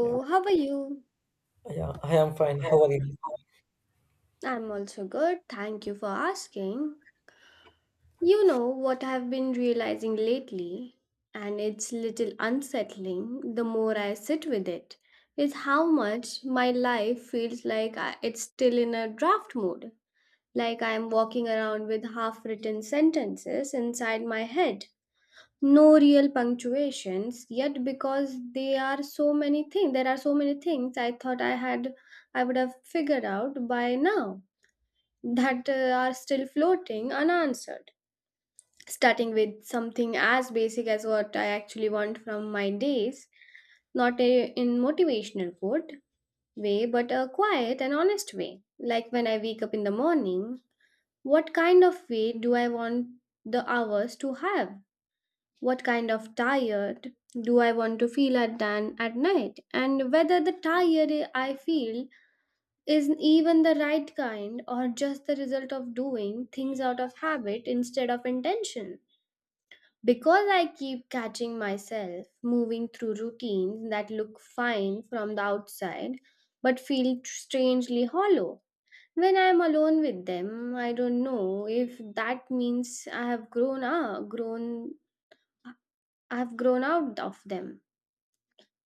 Yeah, how are you? yeah, I am fine. How are you? I'm also good. Thank you for asking. You know what I've been realizing lately, and it's little unsettling the more I sit with it, is how much my life feels like it's still in a draft mode. Like I'm walking around with half written sentences inside my head. No real punctuations, yet because they are so many things, there are so many things I thought I had, I would have figured out by now that are still floating unanswered. Starting with something as basic as what I actually want from my days, not a, in motivational quote way, but a quiet and honest way. Like when I wake up in the morning, what kind of way do I want the hours to have? What kind of tired do I want to feel at, at night? And whether the tired I feel is even the right kind or just the result of doing things out of habit instead of intention. Because I keep catching myself moving through routines that look fine from the outside but feel strangely hollow. When I am alone with them, I don't know if that means I have grown up, grown I have grown out of them,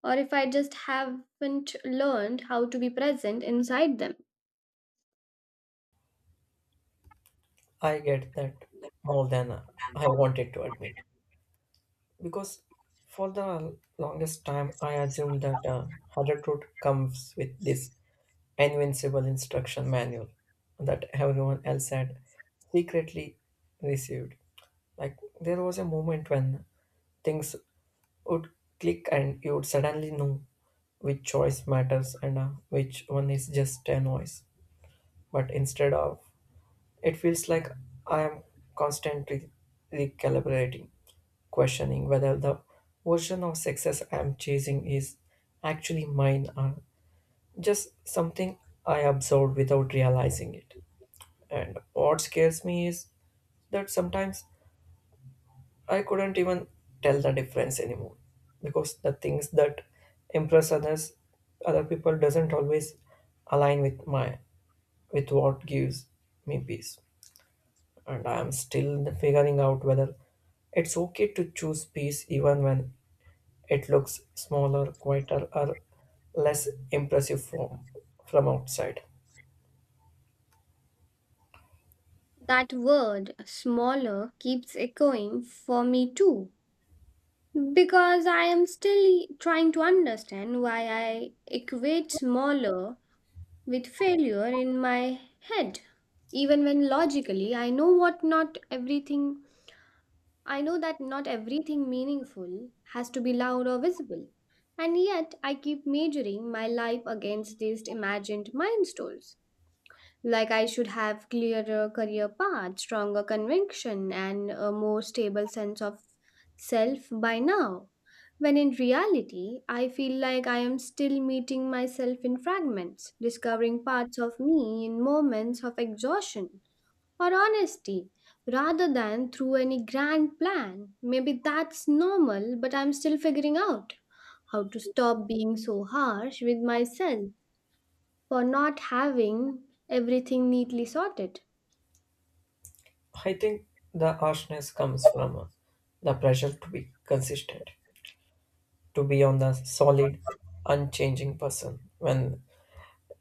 or if I just haven't learned how to be present inside them. I get that more than I wanted to admit. Because for the longest time, I assumed that harder truth comes with this invincible instruction manual that everyone else had secretly received. Like, there was a moment when things would click and you would suddenly know which choice matters and which one is just a noise. But instead of it feels like I am constantly recalibrating, questioning whether the version of success I am chasing is actually mine or just something I absorbed without realizing it. And what scares me is that sometimes I couldn't even tell the difference anymore because the things that impress others, other people doesn't always align with my with what gives me peace. And I am still figuring out whether it's okay to choose peace even when it looks smaller, quieter, or less impressive from outside. That word smaller keeps echoing for me too, because I am still trying to understand why I equate smaller with failure in my head. Even when logically I know that not everything meaningful has to be loud or visible. And yet I keep measuring my life against these imagined milestones. Like I should have clearer career path, stronger conviction, and a more stable sense of self by now. When in reality, I feel like I am still meeting myself in fragments, discovering parts of me in moments of exhaustion or honesty, rather than through any grand plan. Maybe that's normal, but I'm still figuring out how to stop being so harsh with myself for not having everything neatly sorted. I think the harshness comes from the pressure to be consistent, to be on the solid, unchanging person. When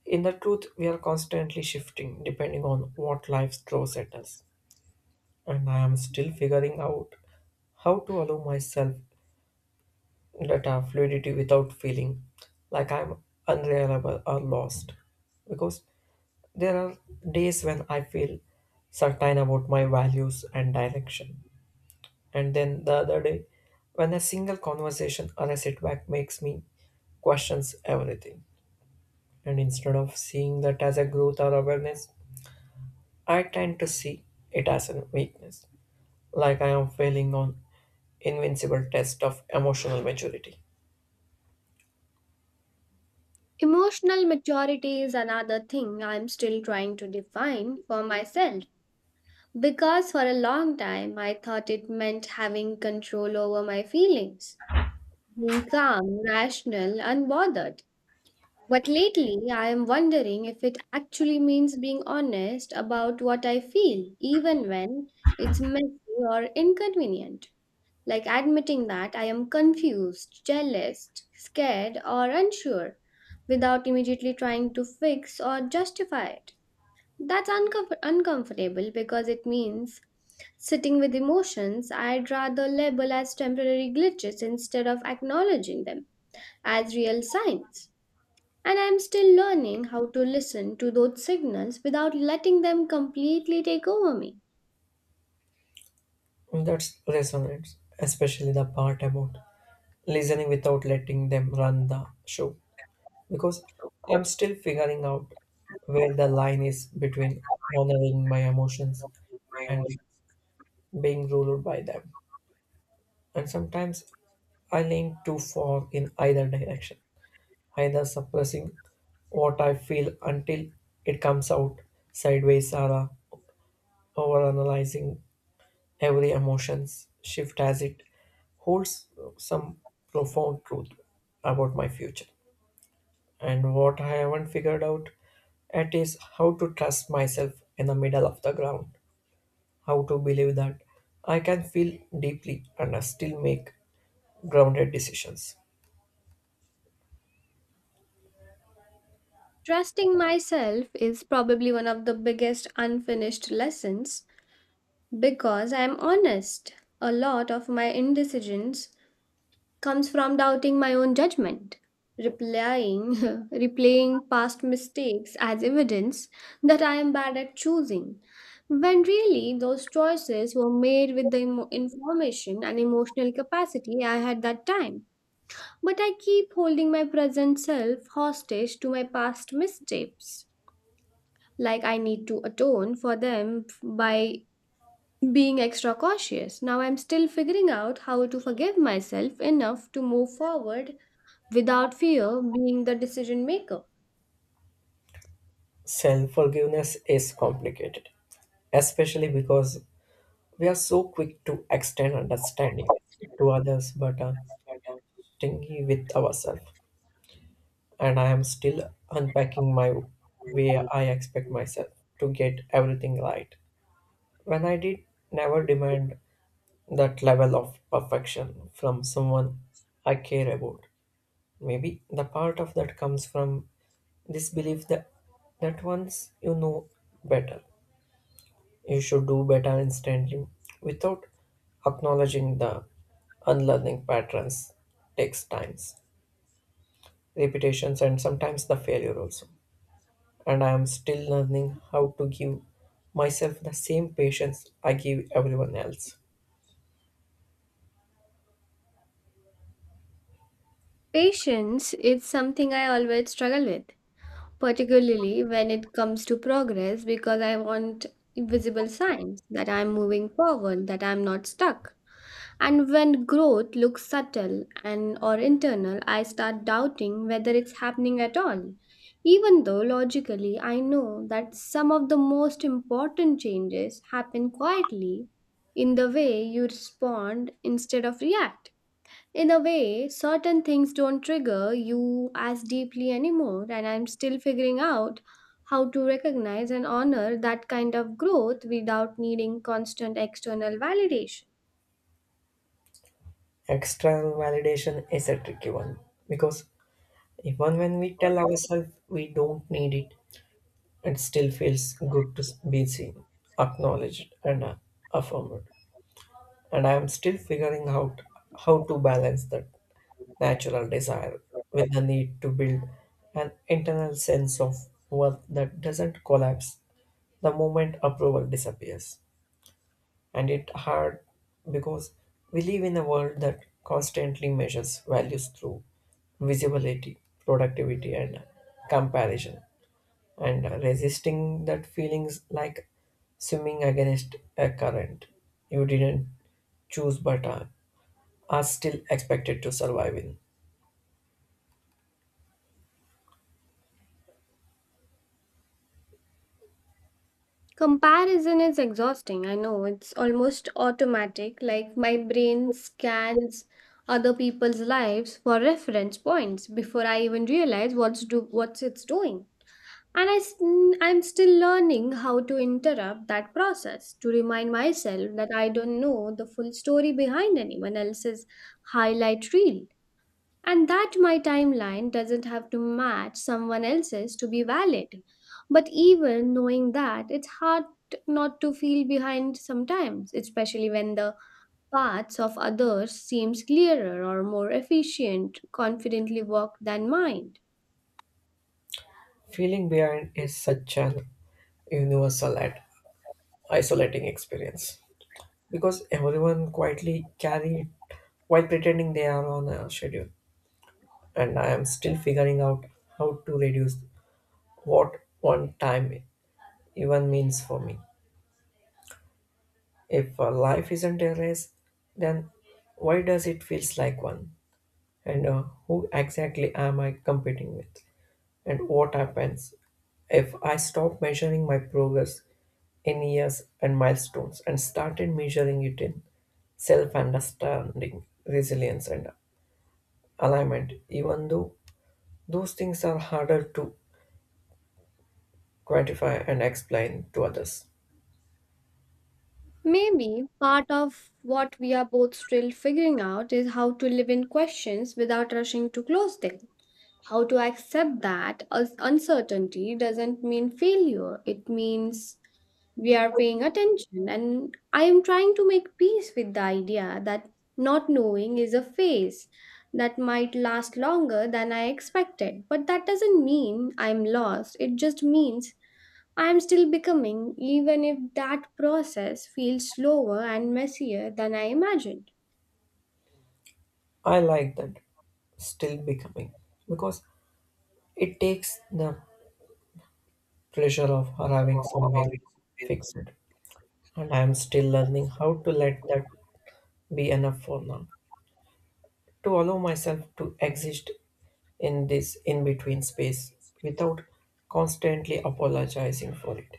in the truth, we are constantly shifting depending on what life throws at us. And I am still figuring out how to allow myself that fluidity without feeling like I'm unreliable or lost. Because there are days when I feel certain about my values and direction. And then the other day, when a single conversation or a setback makes me questions everything. And instead of seeing that as a growth or awareness, I tend to see it as a weakness. Like I am failing on invincible test of emotional maturity. Emotional maturity is another thing I'm still trying to define for myself, because for a long time I thought it meant having control over my feelings, being calm, rational, unbothered. But lately I am wondering if it actually means being honest about what I feel, even when it's messy or inconvenient. Like admitting that I am confused, jealous, scared, or unsure without immediately trying to fix or justify it. That's uncomfortable because it means sitting with emotions I'd rather label as temporary glitches instead of acknowledging them as real signs. And I'm still learning how to listen to those signals without letting them completely take over me. That resonates, especially the part about listening without letting them run the show. Because I'm still figuring out where the line is between honoring my emotions and being ruled by them. And sometimes I lean too far in either direction, either suppressing what I feel until it comes out sideways or overanalyzing every emotions shift as it holds some profound truth about my future. And what I haven't figured out at is how to trust myself in the middle of the ground. How to believe that I can feel deeply and still make grounded decisions. Trusting myself is probably one of the biggest unfinished lessons because I am honest. A lot of my indecisions comes from doubting my own judgment, replying, replaying past mistakes as evidence that I am bad at choosing, when really those choices were made with the information and emotional capacity I had that time. But I keep holding my present self hostage to my past missteps, like I need to atone for them by being extra cautious. Now I'm still figuring out how to forgive myself enough to move forward without fear being the decision maker. Self forgiveness is complicated, especially because we are so quick to extend understanding to others but are stingy with ourselves. And I am still unpacking my way I expect myself to get everything right. When I did never demand that level of perfection from someone I care about. Maybe the part of that comes from this belief that once you know better, you should do better instantly without acknowledging the unlearning patterns takes times, repetitions, and sometimes the failure also. And I am still learning how to give myself the same patience I give everyone else. Patience is something I always struggle with, particularly when it comes to progress, because I want visible signs that I'm moving forward, that I'm not stuck. And when growth looks subtle and or internal, I start doubting whether it's happening at all. Even though logically I know that some of the most important changes happen quietly in the way you respond instead of react. In a way, certain things don't trigger you as deeply anymore, and I'm still figuring out how to recognize and honor that kind of growth without needing constant external validation. External validation is a tricky one because even when we tell ourselves we don't need it, it still feels good to be seen, acknowledged, and affirmed. And I am still figuring out how to balance that natural desire with the need to build an internal sense of worth that doesn't collapse the moment approval disappears. And it hard because we live in a world that constantly measures values through visibility, productivity, and comparison, and resisting that feelings like swimming against a current you didn't choose but are still expected to survive in. Comparison is exhausting. I know it's almost automatic. Like my brain scans other people's lives for reference points before I even realize what's it's doing. And I'm still learning how to interrupt that process to remind myself that I don't know the full story behind anyone else's highlight reel, and that my timeline doesn't have to match someone else's to be valid. But even knowing that, it's hard not to feel behind sometimes, especially when the paths of others seems clearer or more efficient, confidently walked than mine. Feeling behind is such an universal and isolating experience because everyone quietly carry it while pretending they are on a schedule. And I am still figuring out how to reduce what one time even means for me. If life isn't a race, then why does it feels like one? And who exactly am I competing with? And what happens if I stop measuring my progress in years and milestones and started measuring it in self understanding, resilience, and alignment, even though those things are harder to gratify and explain to others. Maybe part of what we are both still figuring out is how to live in questions without rushing to close them. How to accept that as uncertainty doesn't mean failure, it means we are paying attention, and I am trying to make peace with the idea that not knowing is a phase that might last longer than I expected, but that doesn't mean I'm lost. It just means I am still becoming, even if that process feels slower and messier than I imagined. I like that still becoming because it takes the pressure of arriving somewhere fixed, and I am still learning how to let that be enough for now. To allow myself to exist in this in between space without constantly apologizing for it.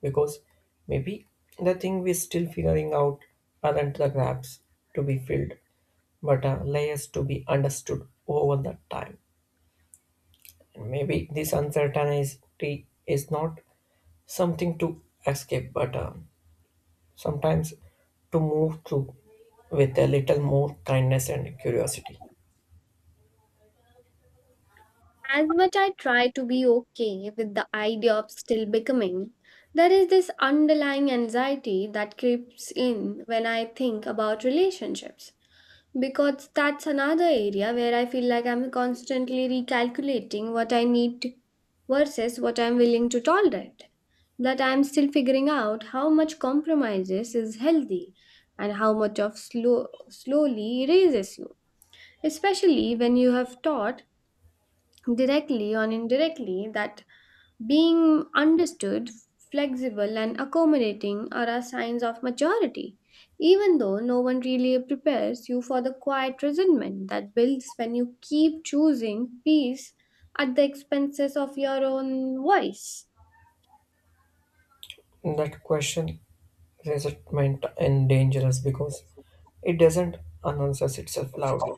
Because maybe the thing we're still figuring out aren't the gaps to be filled, but are layers to be understood over the time. And maybe this uncertainty is not something to escape, but sometimes to move through with a little more kindness and curiosity. As much I try to be okay with the idea of still becoming, there is this underlying anxiety that creeps in when I think about relationships. Because that's another area where I feel like I'm constantly recalculating what I need versus what I'm willing to tolerate. That I'm still figuring out how much compromises is healthy and how much of slowly erases you. Especially when you have taught directly or indirectly that being understood, flexible, and accommodating are our signs of maturity, even though no one really prepares you for the quiet resentment that builds when you keep choosing peace at the expenses of your own voice. That question resentment is dangerous because it doesn't announces itself loudly.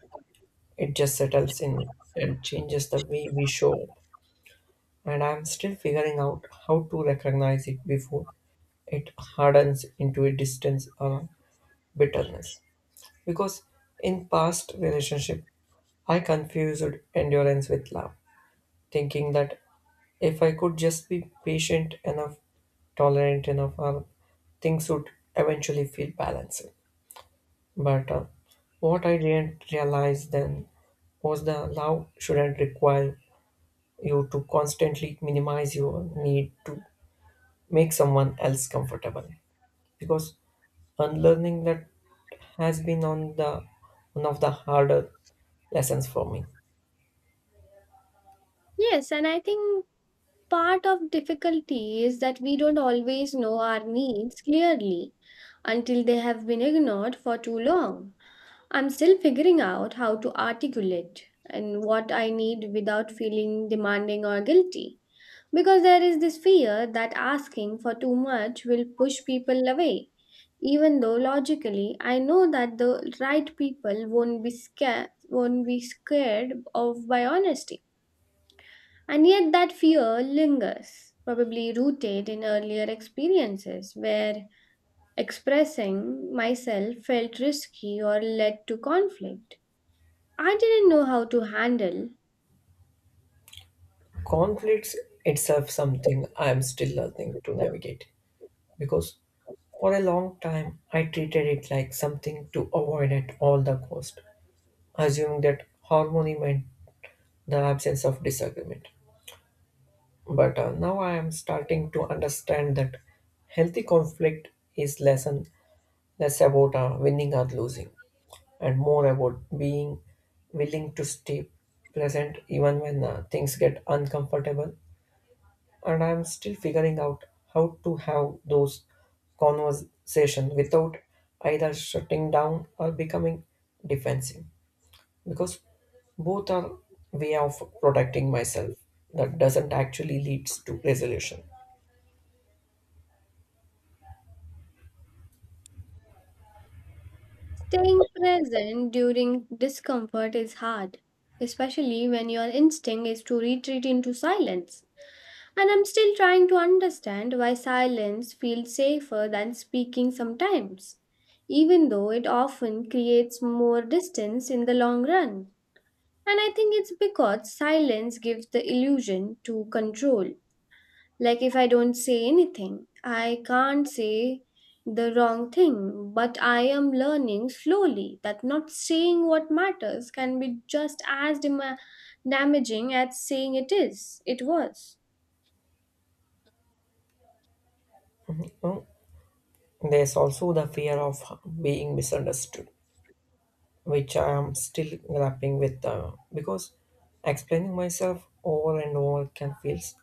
It just settles in and changes the way we show up. And I'm still figuring out how to recognize it before it hardens into a distance or bitterness. Because in past relationship, I confused endurance with love, thinking that if I could just be patient enough, tolerant enough, or things would eventually feel balanced. But what I didn't realize then was the love shouldn't require you to constantly minimize your need to make someone else comfortable. Because unlearning that has been on the one of the harder lessons for me. Yes, and I think part of difficulty is that we don't always know our needs clearly until they have been ignored for too long. I'm still figuring out how to articulate and what I need without feeling demanding or guilty. Because there is this fear that asking for too much will push people away, even though logically I know that the right people won't be scared of by honesty. And yet that fear lingers, probably rooted in earlier experiences where expressing myself felt risky or led to conflict. I didn't know how to handle. Conflicts itself something I am still learning to navigate because for a long time I treated it like something to avoid at all the cost, assuming that harmony meant the absence of disagreement. But now I am starting to understand that healthy conflict is less and less about winning or losing, and more about being willing to stay present even when things get uncomfortable. And I am still figuring out how to have those conversations without either shutting down or becoming defensive. Because both are way of protecting myself that doesn't actually leads to resolution. Staying present during discomfort is hard, especially when your instinct is to retreat into silence. And I'm still trying to understand why silence feels safer than speaking sometimes, even though it often creates more distance in the long run. And I think it's because silence gives the illusion to control. Like if I don't say anything, I can't say the wrong thing, but I am learning slowly that not saying what matters can be just as dema damaging as saying it was. Now, there's also the fear of being misunderstood which I am still grappling with because explaining myself over and over can feels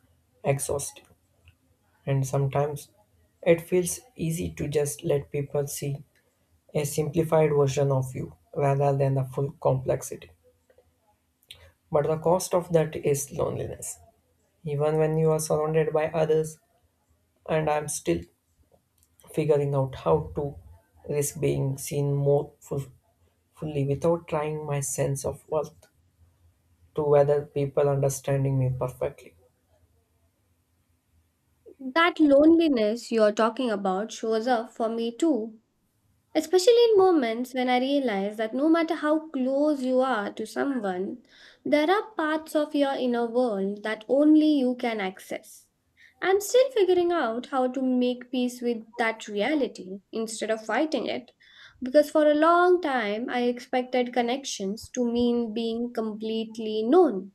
exhausting and sometimes it feels easy to just let people see a simplified version of you rather than the full complexity, but the cost of that is loneliness even when you are surrounded by others, and I'm still figuring out how to risk being seen fully without trying my sense of worth to whether people understanding me perfectly. That loneliness you're talking about shows up for me too, especially in moments when I realize that no matter how close you are to someone, there are parts of your inner world that only you can access. I'm still figuring out how to make peace with that reality instead of fighting it. Because for a long time, I expected connections to mean being completely known.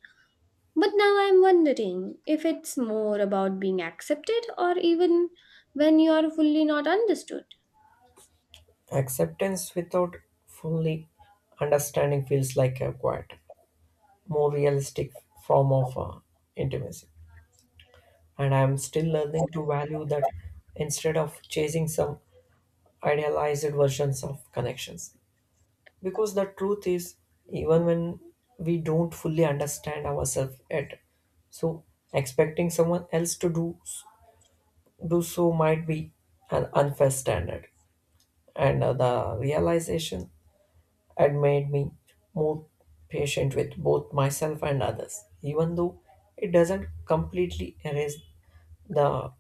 But now I'm wondering if it's more about being accepted or even when you are fully not understood. Acceptance without fully understanding feels like a quiet more realistic form of intimacy and I am still learning to value that instead of chasing some idealized versions of connections. Because the truth is, even when we don't fully understand ourselves yet, so expecting someone else to do so might be an unfair standard. And the realization had made me more patient with both myself and others, even though it doesn't completely erase the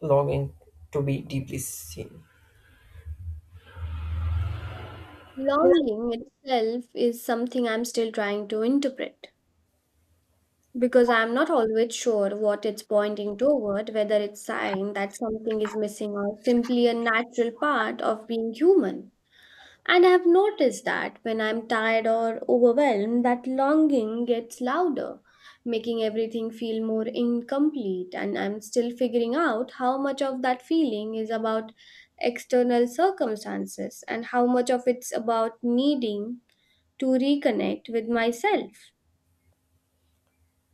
longing to be deeply seen. Longing itself is something I'm still trying to interpret, because I'm not always sure what it's pointing toward, whether it's sign that something is missing or simply a natural part of being human. And I've noticed that when I'm tired or overwhelmed, that longing gets louder, making everything feel more incomplete. And I'm still figuring out how much of that feeling is about external circumstances and how much of it's about needing to reconnect with myself.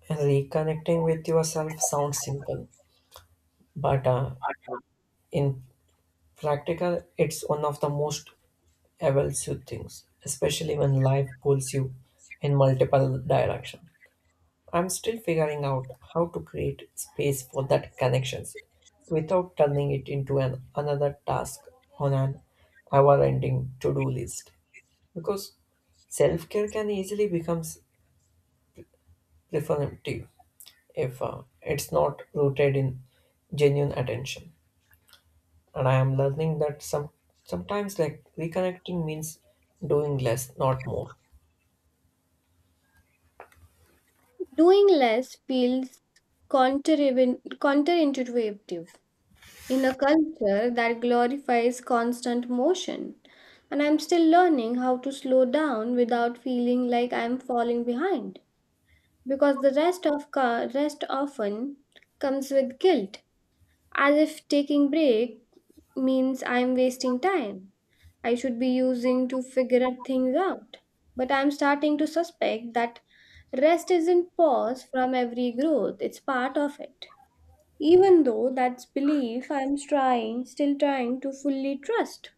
Reconnecting with yourself sounds simple, but in practical, it's one of the most elusive things, especially when life pulls you in multiple directions. I'm still figuring out how to create space for that connections without turning it into an another task on an ever-ending to-do list. Because self-care can easily become performative if it's not rooted in genuine attention. And I am learning that sometimes like reconnecting means doing less, not more. Doing less feels counterintuitive in a culture that glorifies constant motion. And I'm still learning how to slow down without feeling like I'm falling behind, because the rest of rest often comes with guilt, as if taking break means I'm wasting time. I should be using to figure out things out. But I'm starting to suspect that rest isn't pause from every growth, it's part of it. Even though that's belief I'm still trying to fully trust.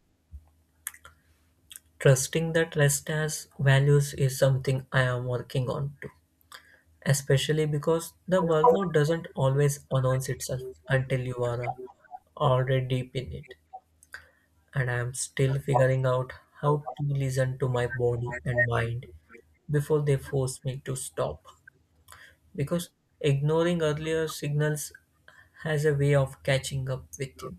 Trusting that rest has values is something I am working on too, especially because the burnout doesn't always announce itself until you are already deep in it. And I am still figuring out how to listen to my body and mind before they force me to stop. Because ignoring earlier signals has a way of catching up with you.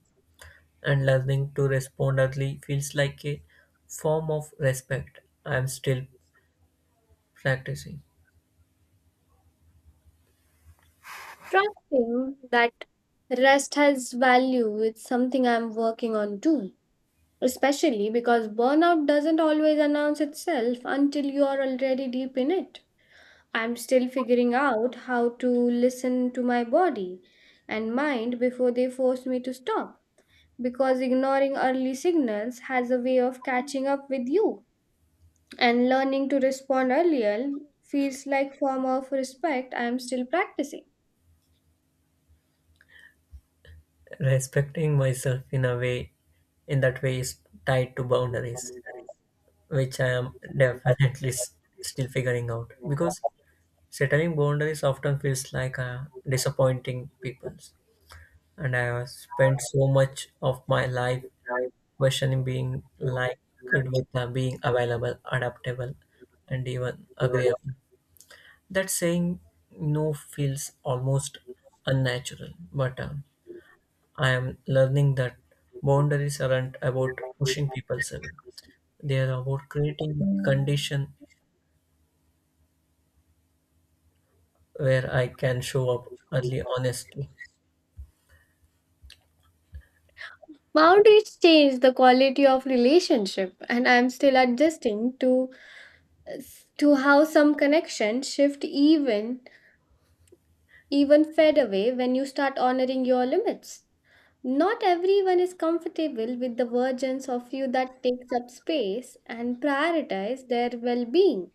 And learning to respond early feels like a form of respect. I am still practicing. Trusting that rest has value is something I'm working on too. Especially because burnout doesn't always announce itself until you are already deep in it. I'm still figuring out how to listen to my body and mind before they force me to stop. Because ignoring early signals has a way of catching up with you. And learning to respond earlier feels like form of respect I am still practicing. Respecting myself in a way, in that way, is tied to boundaries, which I am definitely still figuring out because settling boundaries often feels like disappointing people. And I have spent so much of my life questioning being like, liked with being available, adaptable, and even agreeable. That saying no feels almost unnatural, but I am learning that boundaries aren't about pushing people away. They are about creating a condition where I can show up early honestly. Boundaries change the quality of relationship and I am still adjusting to how some connections shift even fade away when you start honoring your limits. Not everyone is comfortable with the versions of you that takes up space and prioritize their well-being.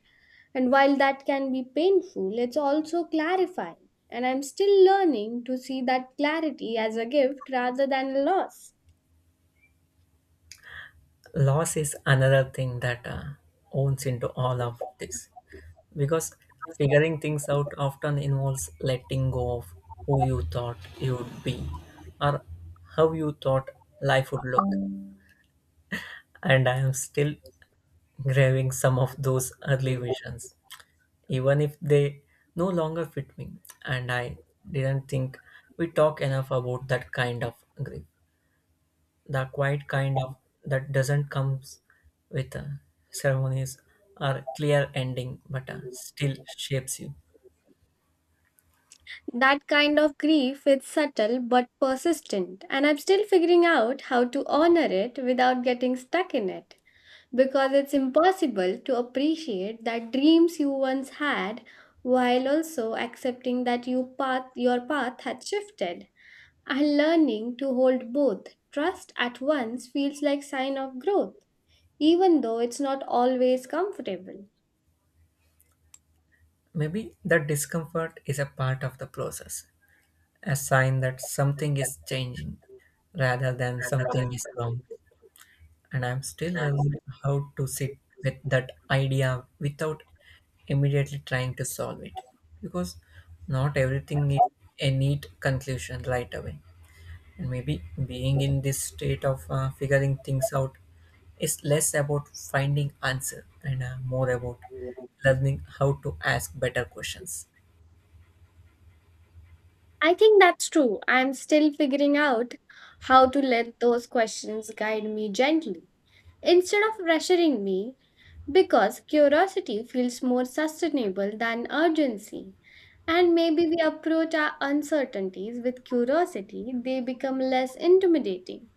And while that can be painful, it's also clarifying. And I'm still learning to see that clarity as a gift rather than a loss. Loss is another thing that owns into all of this because figuring things out often involves letting go of who you thought you would be or how you thought life would look, and I am still grabbing some of those early visions, even if they no longer fit me. And I didn't think we talk enough about that kind of grief, the quiet kind of that doesn't comes with ceremonies or clear ending, but still shapes you. That kind of grief is subtle but persistent, and I'm still figuring out how to honor it without getting stuck in it. Because it's impossible to appreciate that dreams you once had while also accepting that your path had shifted, and learning to hold both trust at once feels like sign of growth, even though it's not always comfortable. Maybe that discomfort is a part of the process, a sign that something is changing rather than something is wrong. And I'm still learning how to sit with that idea without immediately trying to solve it because not everything is a neat conclusion right away, and maybe being in this state of figuring things out is less about finding answer and more about learning how to ask better questions. I think that's true. I'm still figuring out how to let those questions guide me gently instead of pressuring me, because curiosity feels more sustainable than urgency. And maybe we approach our uncertainties with curiosity, they become less intimidating,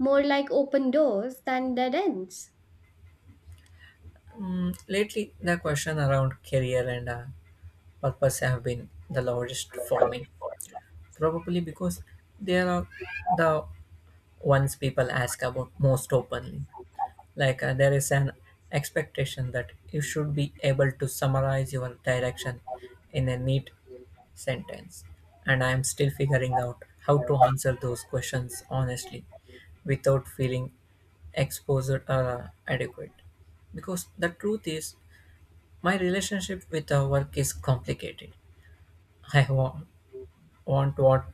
more like open doors than dead ends. Mm, lately the question around career and purpose have been the largest for me. Probably because they are the ones people ask about most openly. Like there is an expectation that you should be able to summarize your direction in a neat sentence. And I am still figuring out how to answer those questions honestly without feeling exposed or adequate. Because the truth is, my relationship with our work is complicated. I wa- want what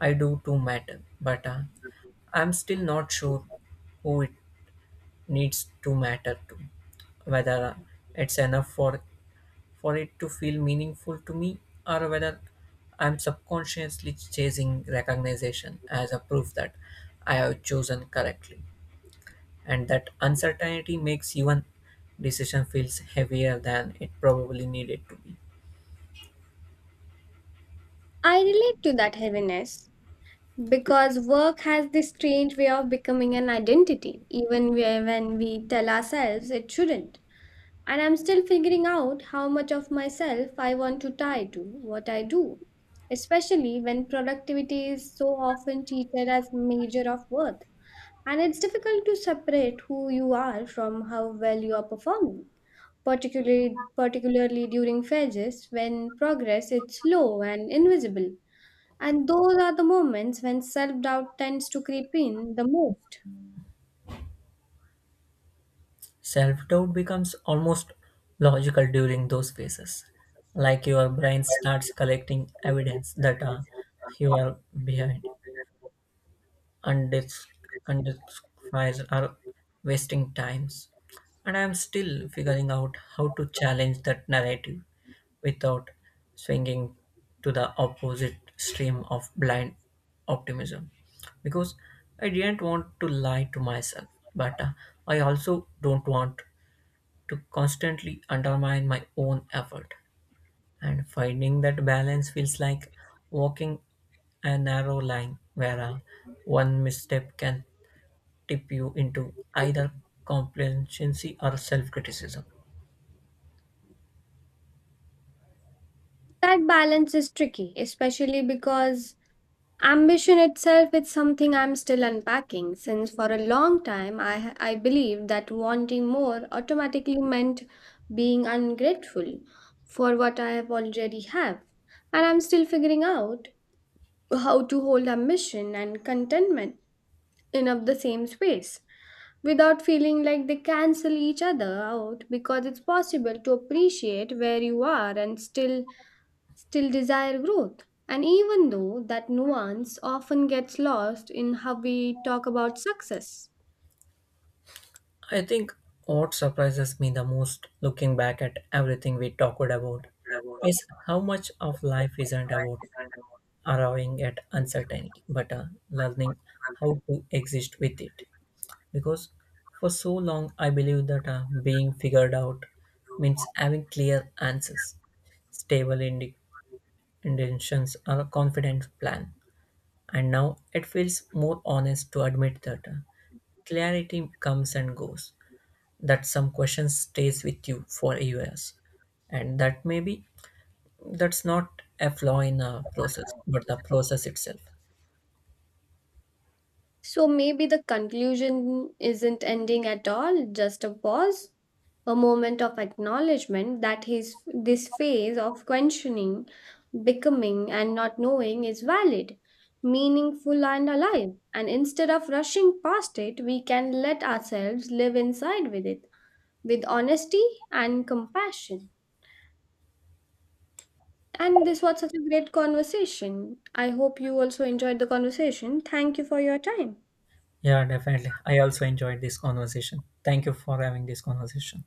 I do to matter, but I'm still not sure who it needs to matter to, whether it's enough for it to feel meaningful to me, or whether I'm subconsciously chasing recognition as a proof that I have chosen correctly. And that uncertainty makes even decision feels heavier than it probably needed to be. I relate to that heaviness because work has this strange way of becoming an identity, even when we tell ourselves it shouldn't. And I'm still figuring out how much of myself I want to tie to what I do, especially when productivity is so often treated as measure of worth. And it's difficult to separate who you are from how well you are performing, particularly during phases when progress is slow and invisible. And those are the moments when self doubt tends to creep in the most. Self doubt becomes almost logical during those phases. Like your brain starts collecting evidence that you are behind, undis- unjustified, or wasting times. And I am still figuring out how to challenge that narrative without swinging to the opposite stream of blind optimism. Because I didn't want to lie to myself, but I also don't want to constantly undermine my own effort. And finding that balance feels like walking a narrow line where one misstep can tip you into either complacency or self criticism. That balance is tricky, especially because ambition itself is something I'm still unpacking, since for a long time I believed that wanting more automatically meant being ungrateful for what I have already have. And I'm still figuring out how to hold ambition and contentment in of the same space, without feeling like they cancel each other out, because it's possible to appreciate where you are and still desire growth, and even though that nuance often gets lost in how we talk about success. I think what surprises me the most looking back at everything we talked about is how much of life isn't about arriving at uncertainty, but learning how to exist with it. Because for so long I believed that being figured out means having clear answers, stable indi- intentions, or a confident plan. And now it feels more honest to admit that clarity comes and goes, that some question stays with you for years, and that maybe that's not a flaw in a process, but the process itself. So maybe the conclusion isn't ending at all, just a pause, a moment of acknowledgement that his this phase of questioning, becoming and not knowing is valid, meaningful and alive. And instead of rushing past it, we can let ourselves live inside with it with honesty and compassion. And this was such a great conversation. I hope you also enjoyed the conversation. Thank you for your time. Yeah, definitely. I also enjoyed this conversation. Thank you for having this conversation.